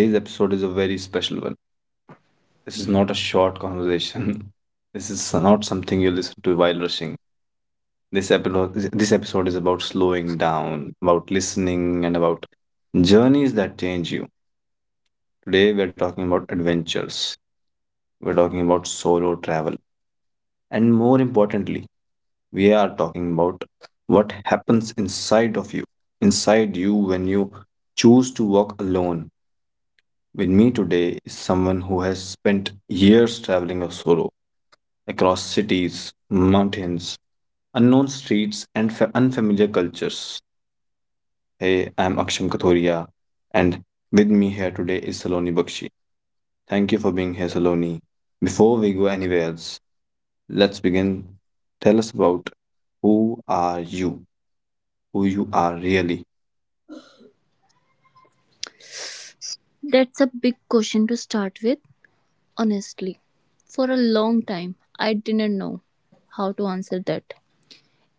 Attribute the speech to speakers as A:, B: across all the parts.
A: Today's episode is a very special one. This is not a short conversation. This is not something you listen to while rushing. This episode is about slowing down, about listening, and about journeys that change you. Today, we're talking about adventures. We're talking about solo travel. And more importantly, we are talking about what happens inside of you, inside you when you choose to walk alone. With me today is someone who has spent years traveling of solo across cities, mountains, unknown streets, and unfamiliar cultures. Hey, I'm Aksham Kathoria, and with me here today is Saloni Bakshi. Thank you for being here, Saloni. Before we go anywhere else, let's begin. Tell us about who are you, who you are really.
B: That's a big question to start with, honestly. For a long time, I didn't know how to answer that.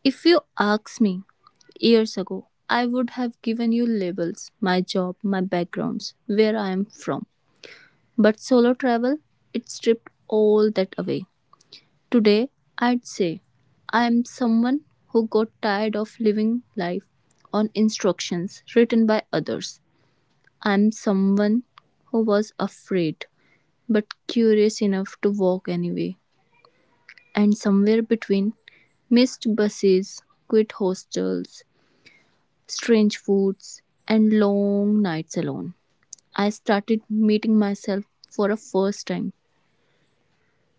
B: If you asked me years ago, I would have given you labels, my job, my backgrounds, where I am from. But solo travel, it stripped all that away. Today, I'd say I am someone who got tired of living life on instructions written by others. I am someone who was afraid but curious enough to walk anyway. And somewhere between, missed buses, quit hostels, strange foods, and long nights alone, I started meeting myself for a first time.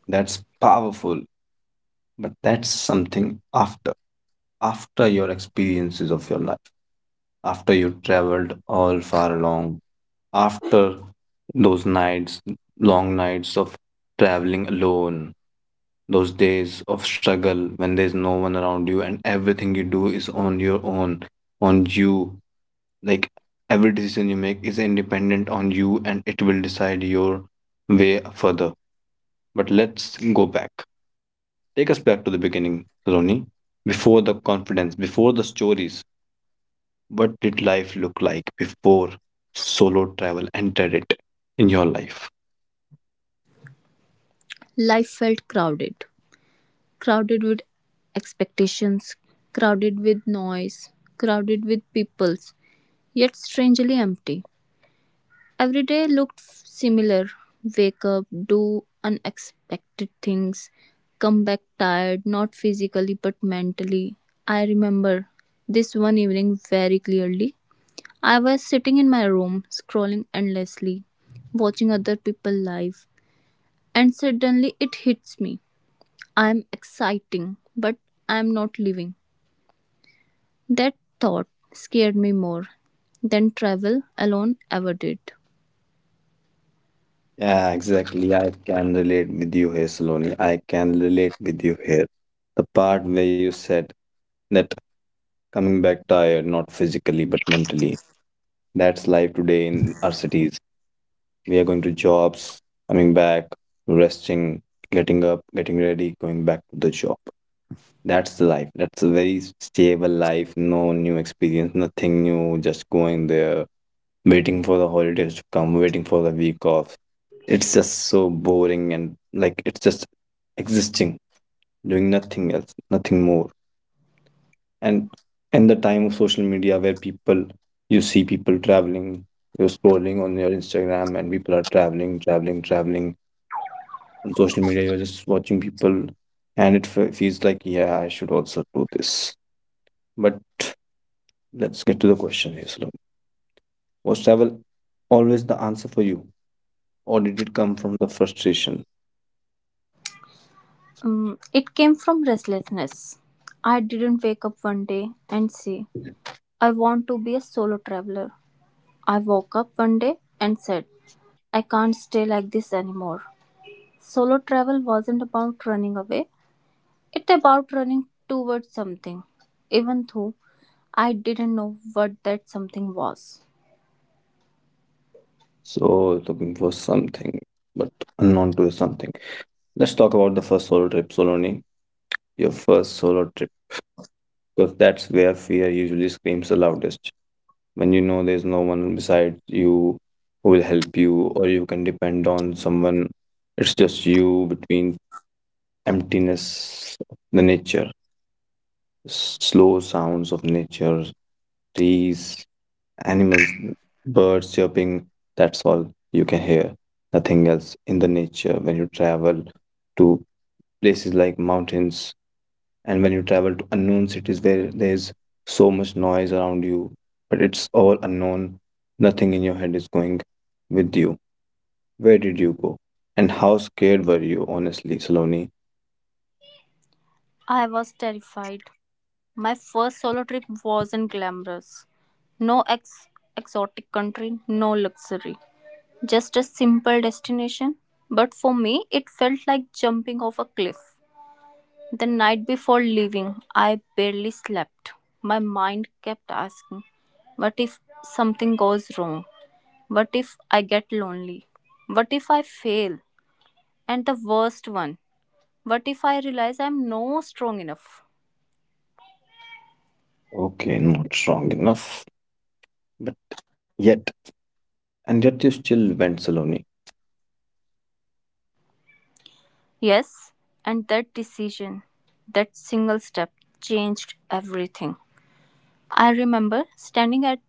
A: That's powerful, but that's something after after your experiences of your life, after you traveled all far along, after those nights, long nights of traveling alone, those days of struggle when there's no one around you and everything you do is on your own, on you. Like every decision you make is independent on you and it will decide your way further. But let's go back. Take us back to the beginning, Roni. Before the confidence, before the stories. What did life look like before solo travel entered it in your life?
B: Life felt crowded, crowded with expectations, crowded with noise, crowded with peoples, yet strangely empty. Every day looked similar wake up, do unexpected things, come back tired, not physically but mentally. I remember this one evening very clearly. I was sitting in my room, scrolling endlessly, watching other people live, and suddenly it hits me. I'm exciting, but I'm not living. That thought scared me more than travel alone ever did.
A: Yeah, exactly. I can relate with you here, Saloni. I can relate with you here. The part where you said that coming back tired, not physically but mentally. That's life today in our cities. We are going to jobs, coming back, resting, getting up, getting ready, going back to the job. That's the life. That's a very stable life. No new experience, nothing new. Just going there, waiting for the holidays to come, waiting for the week off. It's just so boring and like it's just existing, doing nothing else, nothing more. And in the time of social media where people you see people traveling, you're scrolling on your Instagram and people are traveling, traveling, traveling. On social media, you're just watching people and it feels like, yeah, I should also do this. But let's get to the question here, Slow. Was travel always the answer for you? Or did it come from the frustration?
B: It came from restlessness. I didn't wake up one day and say, I want to be a solo traveler. I woke up one day and said, I can't stay like this anymore. Solo travel wasn't about running away, it about running towards something, even though I didn't know what that something was.
A: So looking for something, but unknown to something. Let's talk about the first solo trip, Soloni. Your first solo trip, because that's where fear usually screams the loudest. When you know there's no one beside you who will help you, or you can depend on someone. It's just you between emptiness, of the nature, slow sounds of nature, trees, animals, birds chirping, that's all you can hear. Nothing else in the nature when you travel to places like mountains and when you travel to unknown cities where there's so much noise around you, but it's all unknown. Nothing in your head is going with you. Where did you go? And how scared were you, honestly, Saloni?
B: I was terrified. My first solo trip wasn't glamorous. No ex- exotic country, no luxury. Just a simple destination, but for me it felt like jumping off a cliff. The night before leaving, I barely slept. My mind kept asking, what if something goes wrong? What if I get lonely? What if I fail? And the worst one, what if I realize I'm no strong enough?
A: Okay, not strong enough. But yet, and yet you still went, Saloni.
B: Yes, and that decision, that single step changed everything. I remember standing at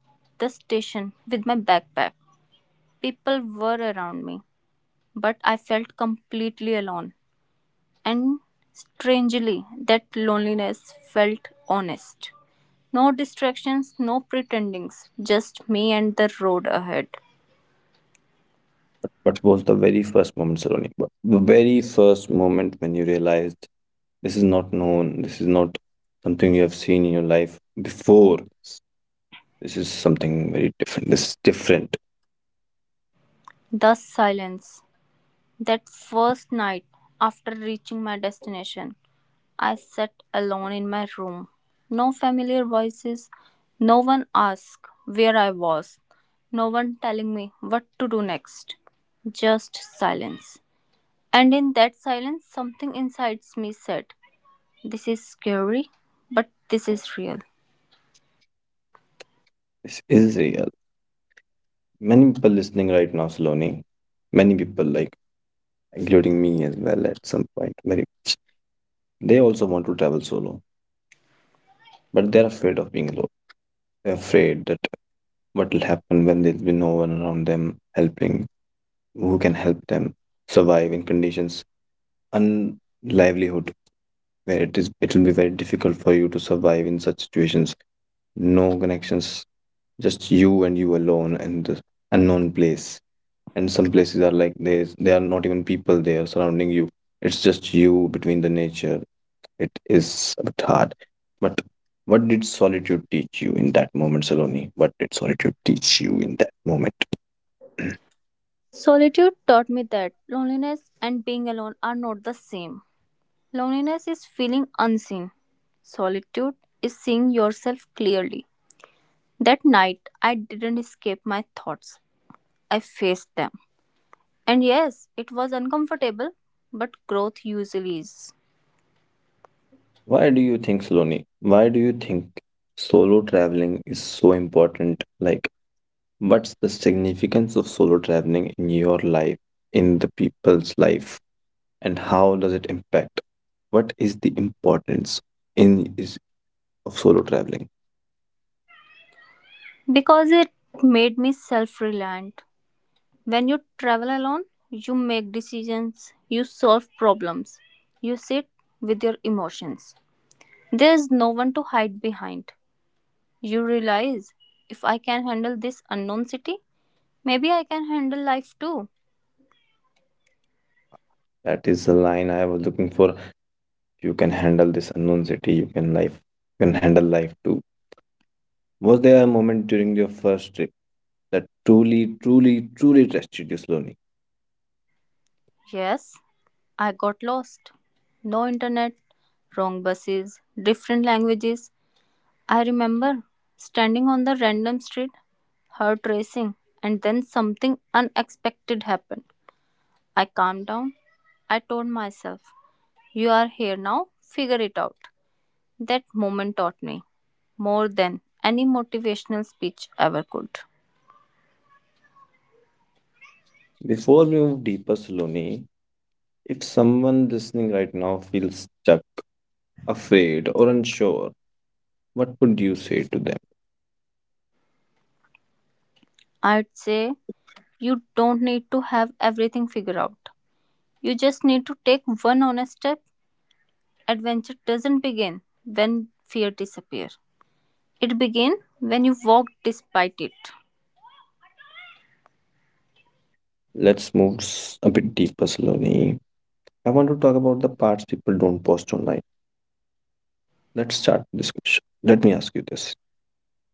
B: the station with my backpack. People were around me, but I felt completely alone. And strangely, that loneliness felt honest. No distractions, no pretendings, just me and the road ahead.
A: But was the very first moment, Saloni? But the very first moment when you realized this is not known, this is not something you have seen in your life before. This is something very different. This is different.
B: The silence. That first night after reaching my destination I sat alone in my room. No familiar voices, no one asked where I was, no one telling me what to do next. Just silence. And in that silence, something inside me said, this is scary, but this is real.
A: This is real. Many people listening right now, Saloni, many people like including me as well at some point, very much. They also want to travel solo, but they're afraid of being alone. They're afraid that what will happen when there's been no one around them helping, who can help them survive in conditions unlivelihood, where it will be very difficult for you to survive in such situations. No connections, just you and you alone in the unknown place. And some places are like there are not even people there surrounding you. It's just you between the nature. It is a bit hard, but what did solitude teach you in that moment, Saloni? What did solitude teach you in that moment?
B: Solitude taught me that loneliness and being alone are not the same. Loneliness is feeling unseen. Solitude is seeing yourself clearly. That night, I didn't escape my thoughts. I faced them. And yes, it was uncomfortable, but growth usually is.
A: Why do you think, Sloni? Why do you think solo traveling is so important? Like, what's the significance of solo traveling in your life, in the people's life? And how does it impact? What is the importance in is of solo traveling?
B: Because it made me self reliant. When you travel alone, you make decisions, you solve problems, you sit with your emotions. There is no one to hide behind. You realize if I can handle this unknown city, maybe I can handle life too.
A: That is the line I was looking for. You can handle this unknown city. You can life. You can handle life too. Was there a moment during your first trip that truly, truly, truly tested you, Saloni?
B: Yes, I got lost. No internet, wrong buses, different languages, I remember standing on the random street, heart racing, and then something unexpected happened. I calmed down. I told myself, you are here now, figure it out. That moment taught me more than any motivational speech ever could.
A: Before we move deeper, Saloni, if someone listening right now feels stuck, afraid, or unsure, what would you say to them?
B: I'd say, you don't need to have everything figured out. You just need to take one honest step. Adventure doesn't begin when fear disappears, it begins when you walk despite it.
A: Let's move a bit deeper, Saloni. I want to talk about the parts people don't post online. Let's start with this question. Let me ask you this.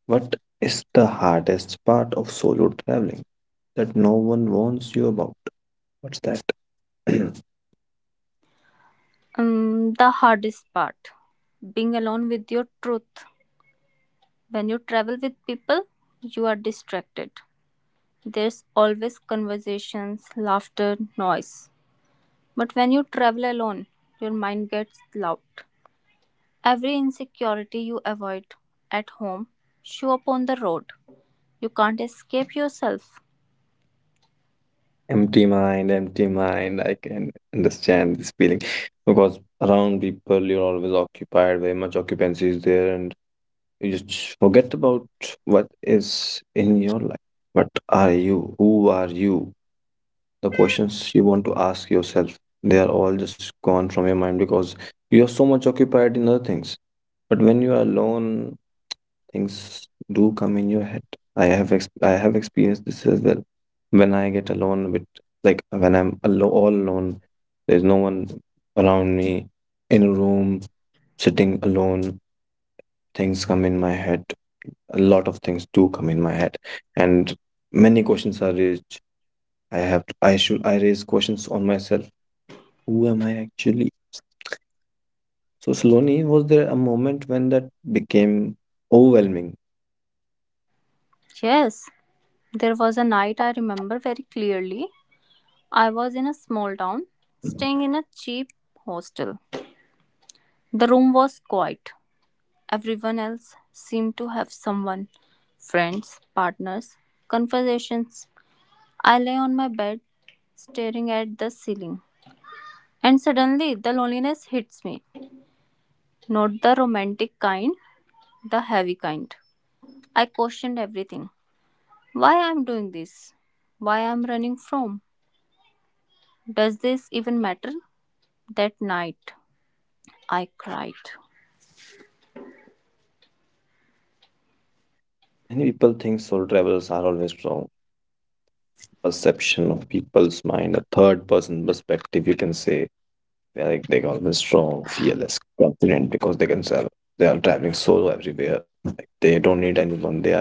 A: What is the hardest part of solo traveling that no one warns you about? What's that?
B: The hardest part being alone with your truth. When you travel with people, you are distracted. There's always conversations, laughter, noise. But when you travel alone, your mind gets loud. Every insecurity you avoid at home show up on the road. You can't escape yourself.
A: Empty mind, empty mind, I can understand this feeling, because around people you're always occupied, very much occupancy is there, and you just forget about what is in your life, what are you, who are you. The questions you want to ask yourself, they are all just gone from your mind because you are so much occupied in other things. But when you are alone, things do come in your head. I have experienced this as well. When I get alone with, like when all alone, there's no one around me, in a room, sitting alone, things come in my head, a lot of things do come in my head, and many questions are raised. I have i should i raise questions on myself. Who am I actually? So slowly, was there a moment when that became overwhelming?
B: Yes, there was a night I remember very clearly. I was in a small town,
A: Many
B: staying in a cheap hostel. The room was quiet; everyone else seemed to have someone friends, partners, conversations. I lay on my bed, staring at the ceiling. And suddenly the loneliness hits me. Not the romantic kind, the heavy kind. I questioned everything. Why I'm doing this? Why I'm running from? Does this even matter? That night, I cried.
A: people think soul travelers are always wrong. Perception of people's mind, a third person perspective, you can say they're like they're always strong, fearless, confident because they can sell. They are traveling solo everywhere. Like they don't need anyone. They are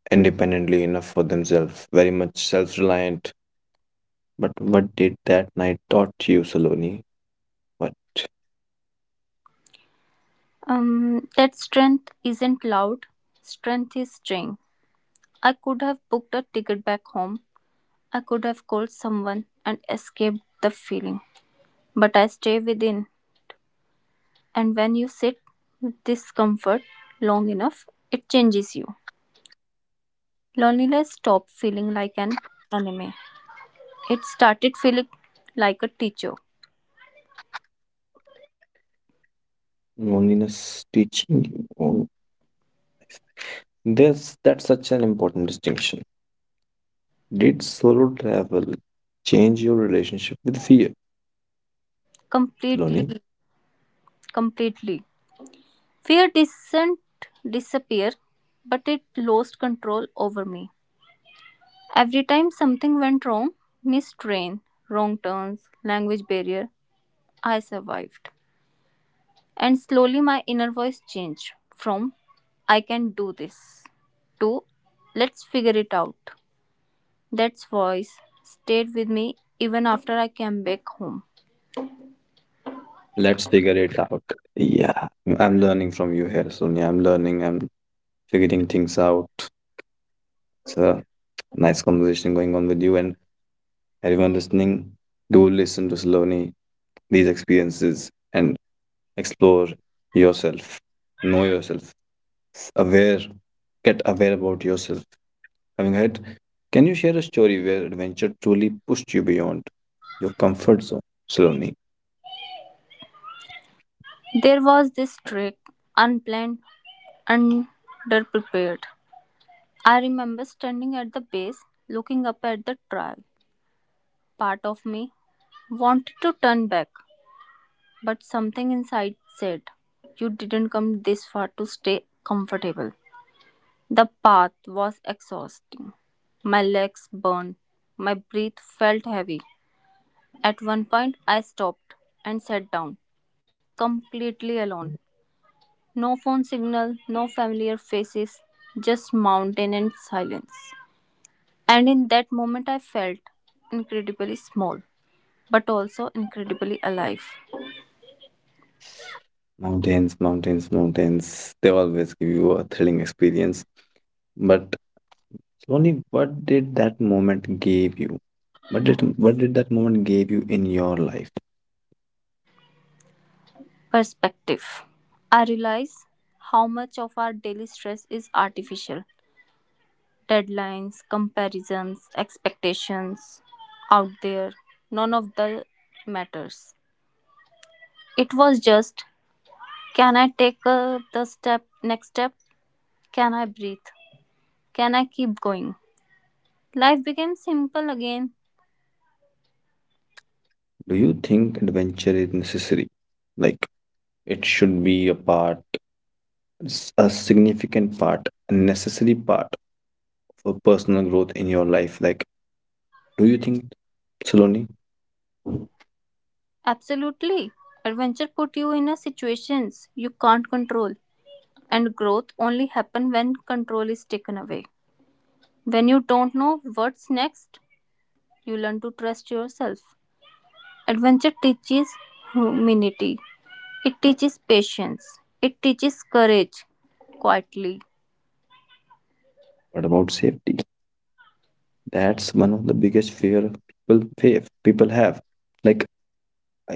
A: independently enough for themselves, very much self-reliant. But what did that night taught you, Saloni? What
B: That strength isn't loud. Strength is strange. I could have booked a ticket back home. I could have called someone and escaped the feeling. But I stay within. And when you sit with discomfort long enough, it changes you. Loneliness stopped feeling like an enemy. It started feeling like a teacher.
A: loneliness teaching you? This that's such an important distinction. Did solo travel change your relationship with fear, Loni?
B: Completely, completely. Fear didn't disappear, but it lost control over me. Every time something went wrong, missed train, wrong turns, language barrier, I survived. And slowly my inner voice changed from I can do this to let's figure it out. That voice stayed with me even after I came back home.
A: Let's figure it out. Yeah, I'm learning from you here, Sonia. I'm learning. I'm figuring things out. It's a nice conversation going on with you and everyone listening. Do listen to Saloni, these experiences, and explore yourself. Know yourself. Aware, get aware about yourself. Having ahead, can you share a story where adventure truly pushed you beyond your comfort zone? Slowly.
B: There was this trick, unplanned, underprepared. I remember standing at the base, looking up at the trail. Part of me wanted to turn back, but something inside said, you didn't come this far to stay comfortable. The path was exhausting. My legs burned. My breath felt heavy. At one point, I stopped and sat down, completely alone. No phone signal, no familiar faces, just mountain and silence. And in that moment, I felt incredibly small, but also incredibly alive.
A: Mountains, mountains, mountains, they always give you a thrilling experience. But slowly, what did that moment give you? What did that moment give you in your life?
B: Perspective. I realize how much of our daily stress is artificial, deadlines, comparisons, expectations out there, none of the matters. It was just can I take the step next step? Can I breathe? Can I keep going? Life became simple again.
A: Do you think adventure is necessary? Like it should be a part, a significant part, a necessary part for personal growth in your life. Like, do you think, Saloni? What
B: Absolutely. Adventure put you in a situations you can't control and growth only happen when control is taken away. When you don't know what's next, you learn to trust yourself. Adventure teaches humility. It teaches patience. It teaches courage quietly.
A: about safety? That's one of the biggest fear people have. Like,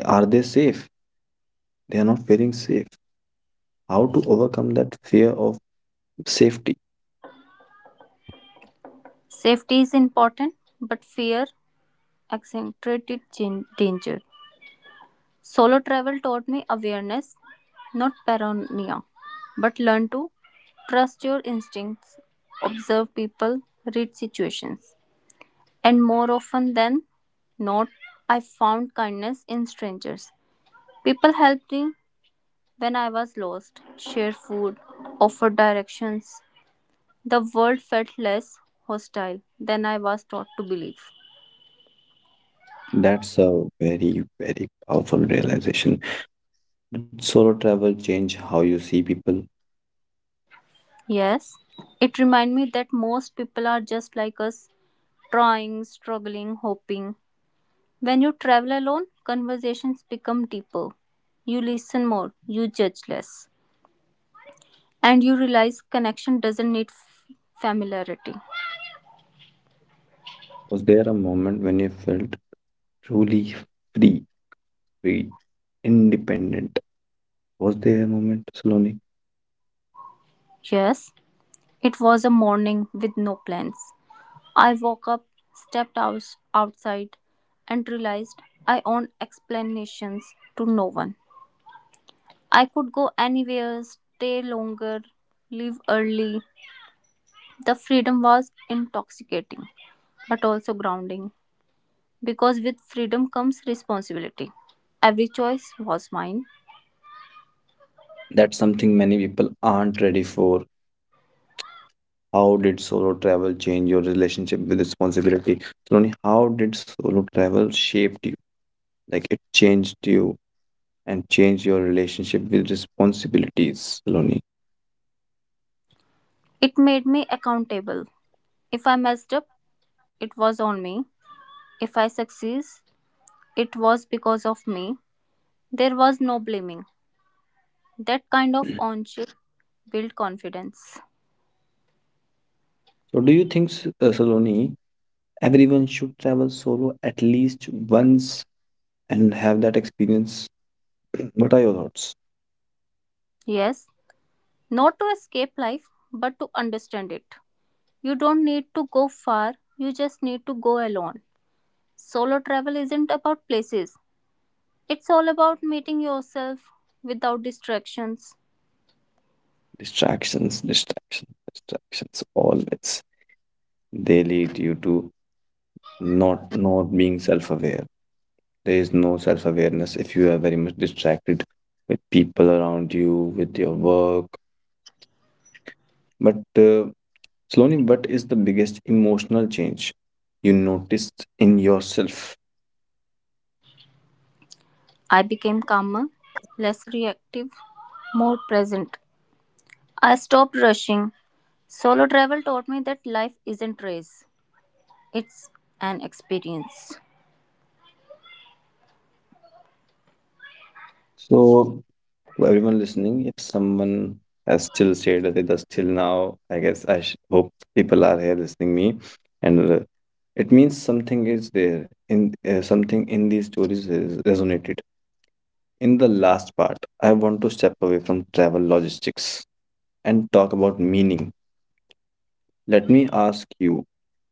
A: are they safe? They are not feeling safe. How to overcome that fear of safety?
B: Safety is important, but fear accentuated danger. Solo travel taught me awareness, not paranoia, but learn to trust your instincts, observe people, read situations. And more often than not, I found kindness in strangers. People helped me when I was lost, shared food, offered directions, the world felt less hostile than I was taught to believe.
A: That's a very very powerful realization. Solo travel change how you see people.
B: Yes, it reminded me that most people are just like us, trying, struggling, hoping. When you travel alone, conversations become deeper. You listen more, you judge less, and you realize connection doesn't need familiarity.
A: Was there a moment when you felt truly free, free, independent? Was there a moment, Saloni?
B: Yes, it was a morning with no plans. I woke up, stepped out outside, and realized I owned explanations to no one. I could go anywhere, stay longer, leave early. The freedom was intoxicating, but also grounding, because with freedom comes responsibility. Every choice was mine.
A: That's something many people aren't ready for. How did solo travel change your relationship with responsibility? Saloni, how did solo travel shape you? Like it changed you and changed your relationship with responsibilities, Saloni.
B: It made me accountable. If I messed up, it was on me. If I succeed, it was because of me. There was no blaming. That kind of ownership built confidence.
A: So, do you think, Saloni, everyone should travel solo at least once and have that experience? What are your thoughts?
B: Yes, not to escape life, but to understand it. You don't need to go far, you just need to go alone. Solo travel isn't about places, it's all about meeting yourself without distractions.
A: Distractions, distractions, distractions. Always they lead you to not being self-aware. There is no self-awareness if you are very much distracted with people around you, with your work. But slowly, what is the biggest emotional change you noticed in yourself?
B: I became calmer, less reactive, more present. I stopped rushing. Solo travel taught me that life isn't race, it's an experience
A: So to everyone listening, if someone has still stayed with us till now, I guess hope people are here listening me, and it means something is there in something in these stories is resonated. In the last part, I want to step away from travel logistics and talk about meaning. Let me ask you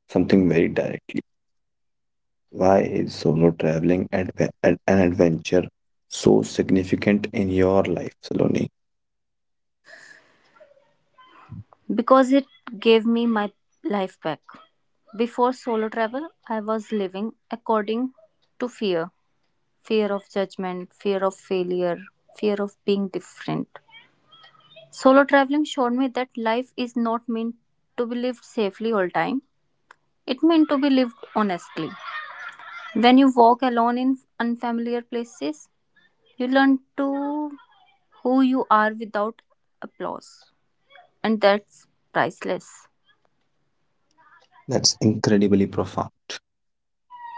A: something very directly. Why is solo traveling an adventure so significant in your life, Saloni?
B: because it gave me my life back. Before solo travel, I was living according to fear, fear of judgment, fear of failure, fear of being different. Solo traveling showed me that life is not meant to be lived safely all time. It meant to be lived honestly. When you walk alone in unfamiliar places, you learn to who you are without applause, and that's priceless.
A: That's incredibly profound.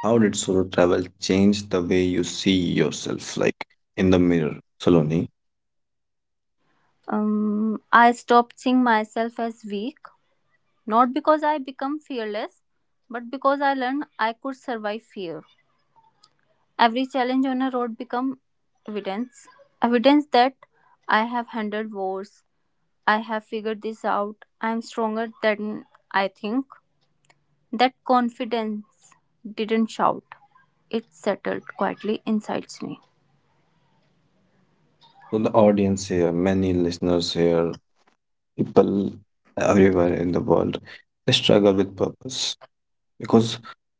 A: How did solo travel change the way you see yourself, like in the mirror, Saloni?
B: I stopped seeing myself as weak, not because I become fearless, but because I learned I could survive fear. Every challenge on a road become evidence. Evidence that I have handled wars. I have figured this out. I am stronger than I think. That confidence didn't shout. It settled quietly inside me.
A: So the audience here, many listeners here, people everywhere in the world, they struggle with purpose, because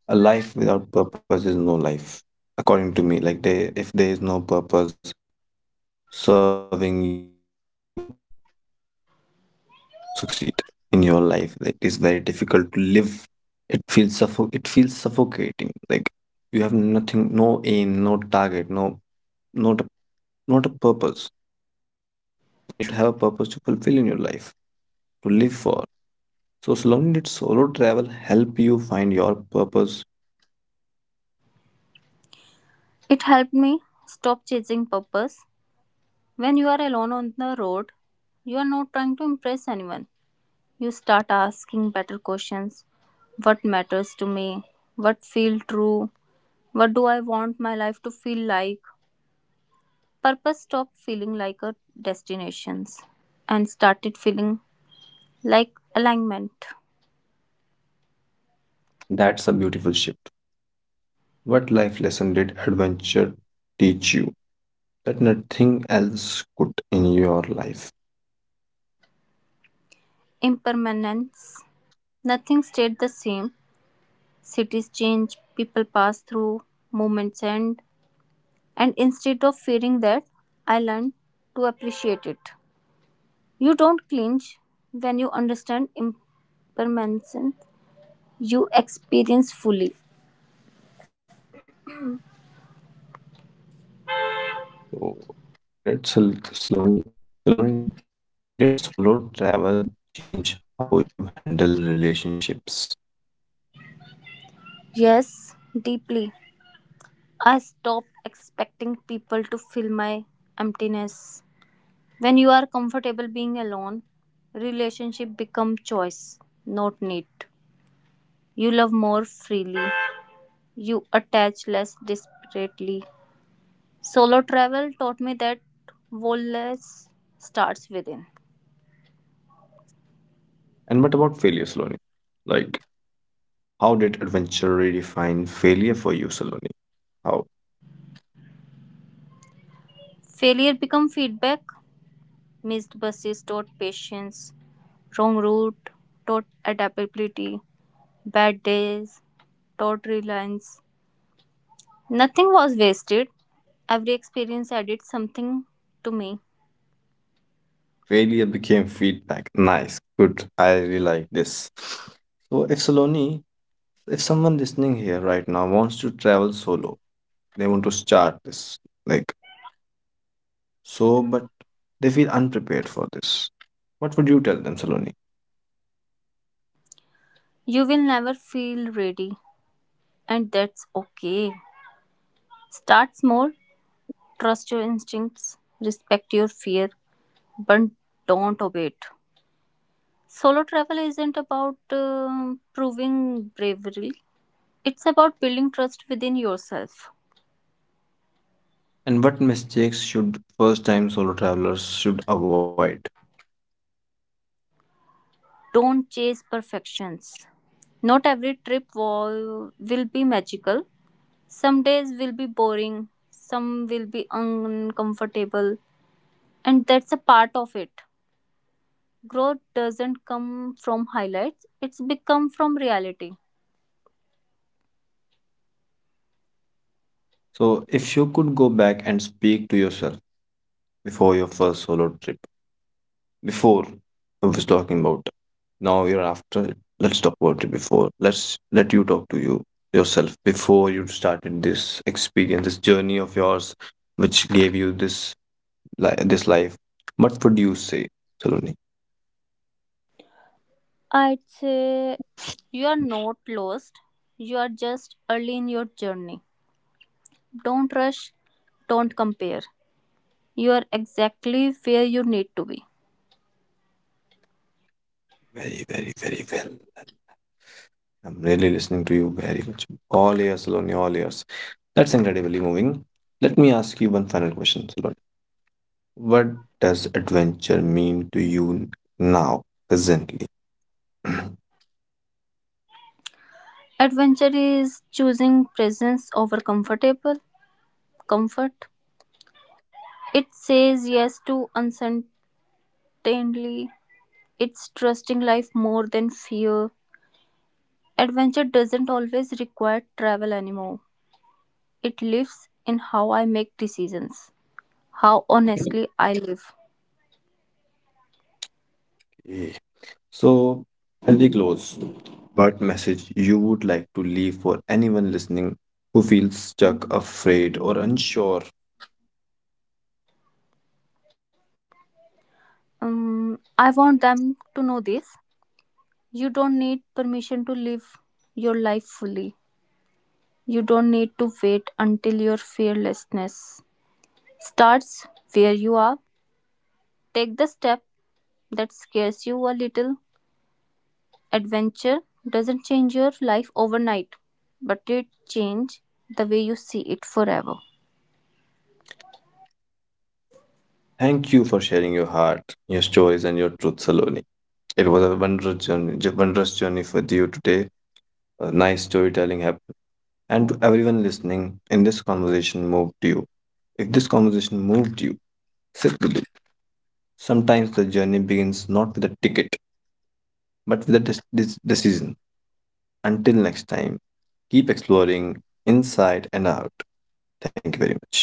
A: a life without purpose is no life, according to me. Like they, if there is no purpose serving you, you cannot succeed in your life. Like, it is very difficult to live. It feels it feels suffocating. Like you have nothing, no aim, no target, no not a, not a purpose, and you should have a purpose to fulfill in your life, to live for. So slowly, did solo travel help you find your purpose?
B: It helped me stop chasing purpose. When you are alone on the road, you are not trying to impress anyone. You start asking better questions. What matters to me? What feel true? What do I want my life to feel like? Purpose stopped feeling like a destination and started feeling like alignment,
A: That's a beautiful shift. What life lesson did adventure teach you that nothing else could in your life?
B: impermanence. Nothing stayed the same. Cities change, people pass through, moments, end. And instead of fearing that, I learned to appreciate it. You don't clinch when you understand impermanence, you experience fully.
A: So it's slowly, slowly, did solo travel change how you handle relationships?
B: Yes, deeply. I stopped expecting people to fill my emptiness. When you are comfortable being alone, relationship become choice, not need. You love more freely. You attach less desperately. Solo travel taught me that wholeness starts within.
A: And what about failure, Saloni? Like how did adventure redefine failure for you, Saloni? How
B: Failure become feedback. Missed buses taught patience. Wrong route taught adaptability. Bad days taught reliance. Nothing was wasted. Every experience added something to me.
A: failure became feedback. Nice, good. I really like this. So, if Saloni, if someone listening here right now wants to travel solo, they want to start this, like so, but they feel unprepared for this. What would you tell them, Saloni?
B: You will never feel ready, and that's okay. Start small, trust your instincts, respect your fear, but don't obey it. Solo travel isn't about proving bravery, it's about building trust within yourself.
A: And what mistakes should first time solo travelers should avoid?
B: Don't chase perfections. Not every trip will be magical, some days will be boring, some will be uncomfortable, and that's a part of it. Growth doesn't come from highlights, it's become from reality.
A: So, if you could go back and speak to yourself before your first solo trip, before I was talking about now you're after. Let's talk about it before. Let's let you talk to you yourself before you started this experience, this journey of yours, which gave you this this life. What would you say, Saloni?
B: I'd say you are not lost, you are just early in your journey. Don't rush, don't compare. You are exactly where you need to be.
A: Very, very, very well. I'm really listening to you very much. All ears, Saloni, all ears. That's incredibly moving. Let me ask you one final question, Saloni. What does adventure mean to you now, presently?
B: Adventure is choosing presence over comfortable comfort. It says yes to uncertainty. It's trusting life more than fear. Adventure doesn't always require travel anymore. It lives in how I make decisions, how honestly I live.
A: So, healthy close. What message you would like to leave for anyone listening who feels stuck, afraid, or unsure?
B: I want them to know this. You don't need permission to live your life fully. You don't need to wait until your fearlessness starts where you are. Take the step that scares you a little adventure doesn't change your life overnight, but it changes the way you see it forever.
A: Thank you for sharing your heart, your stories, and your truth, Saloni. It was a wondrous journey, wondrous journey for you today. A nice storytelling happened, and to everyone listening, in this conversation moved you. If this conversation moved you, sit with it. Sometimes the journey begins not with a ticket, but with a decision. Until next time, keep exploring inside and out. Thank you very much.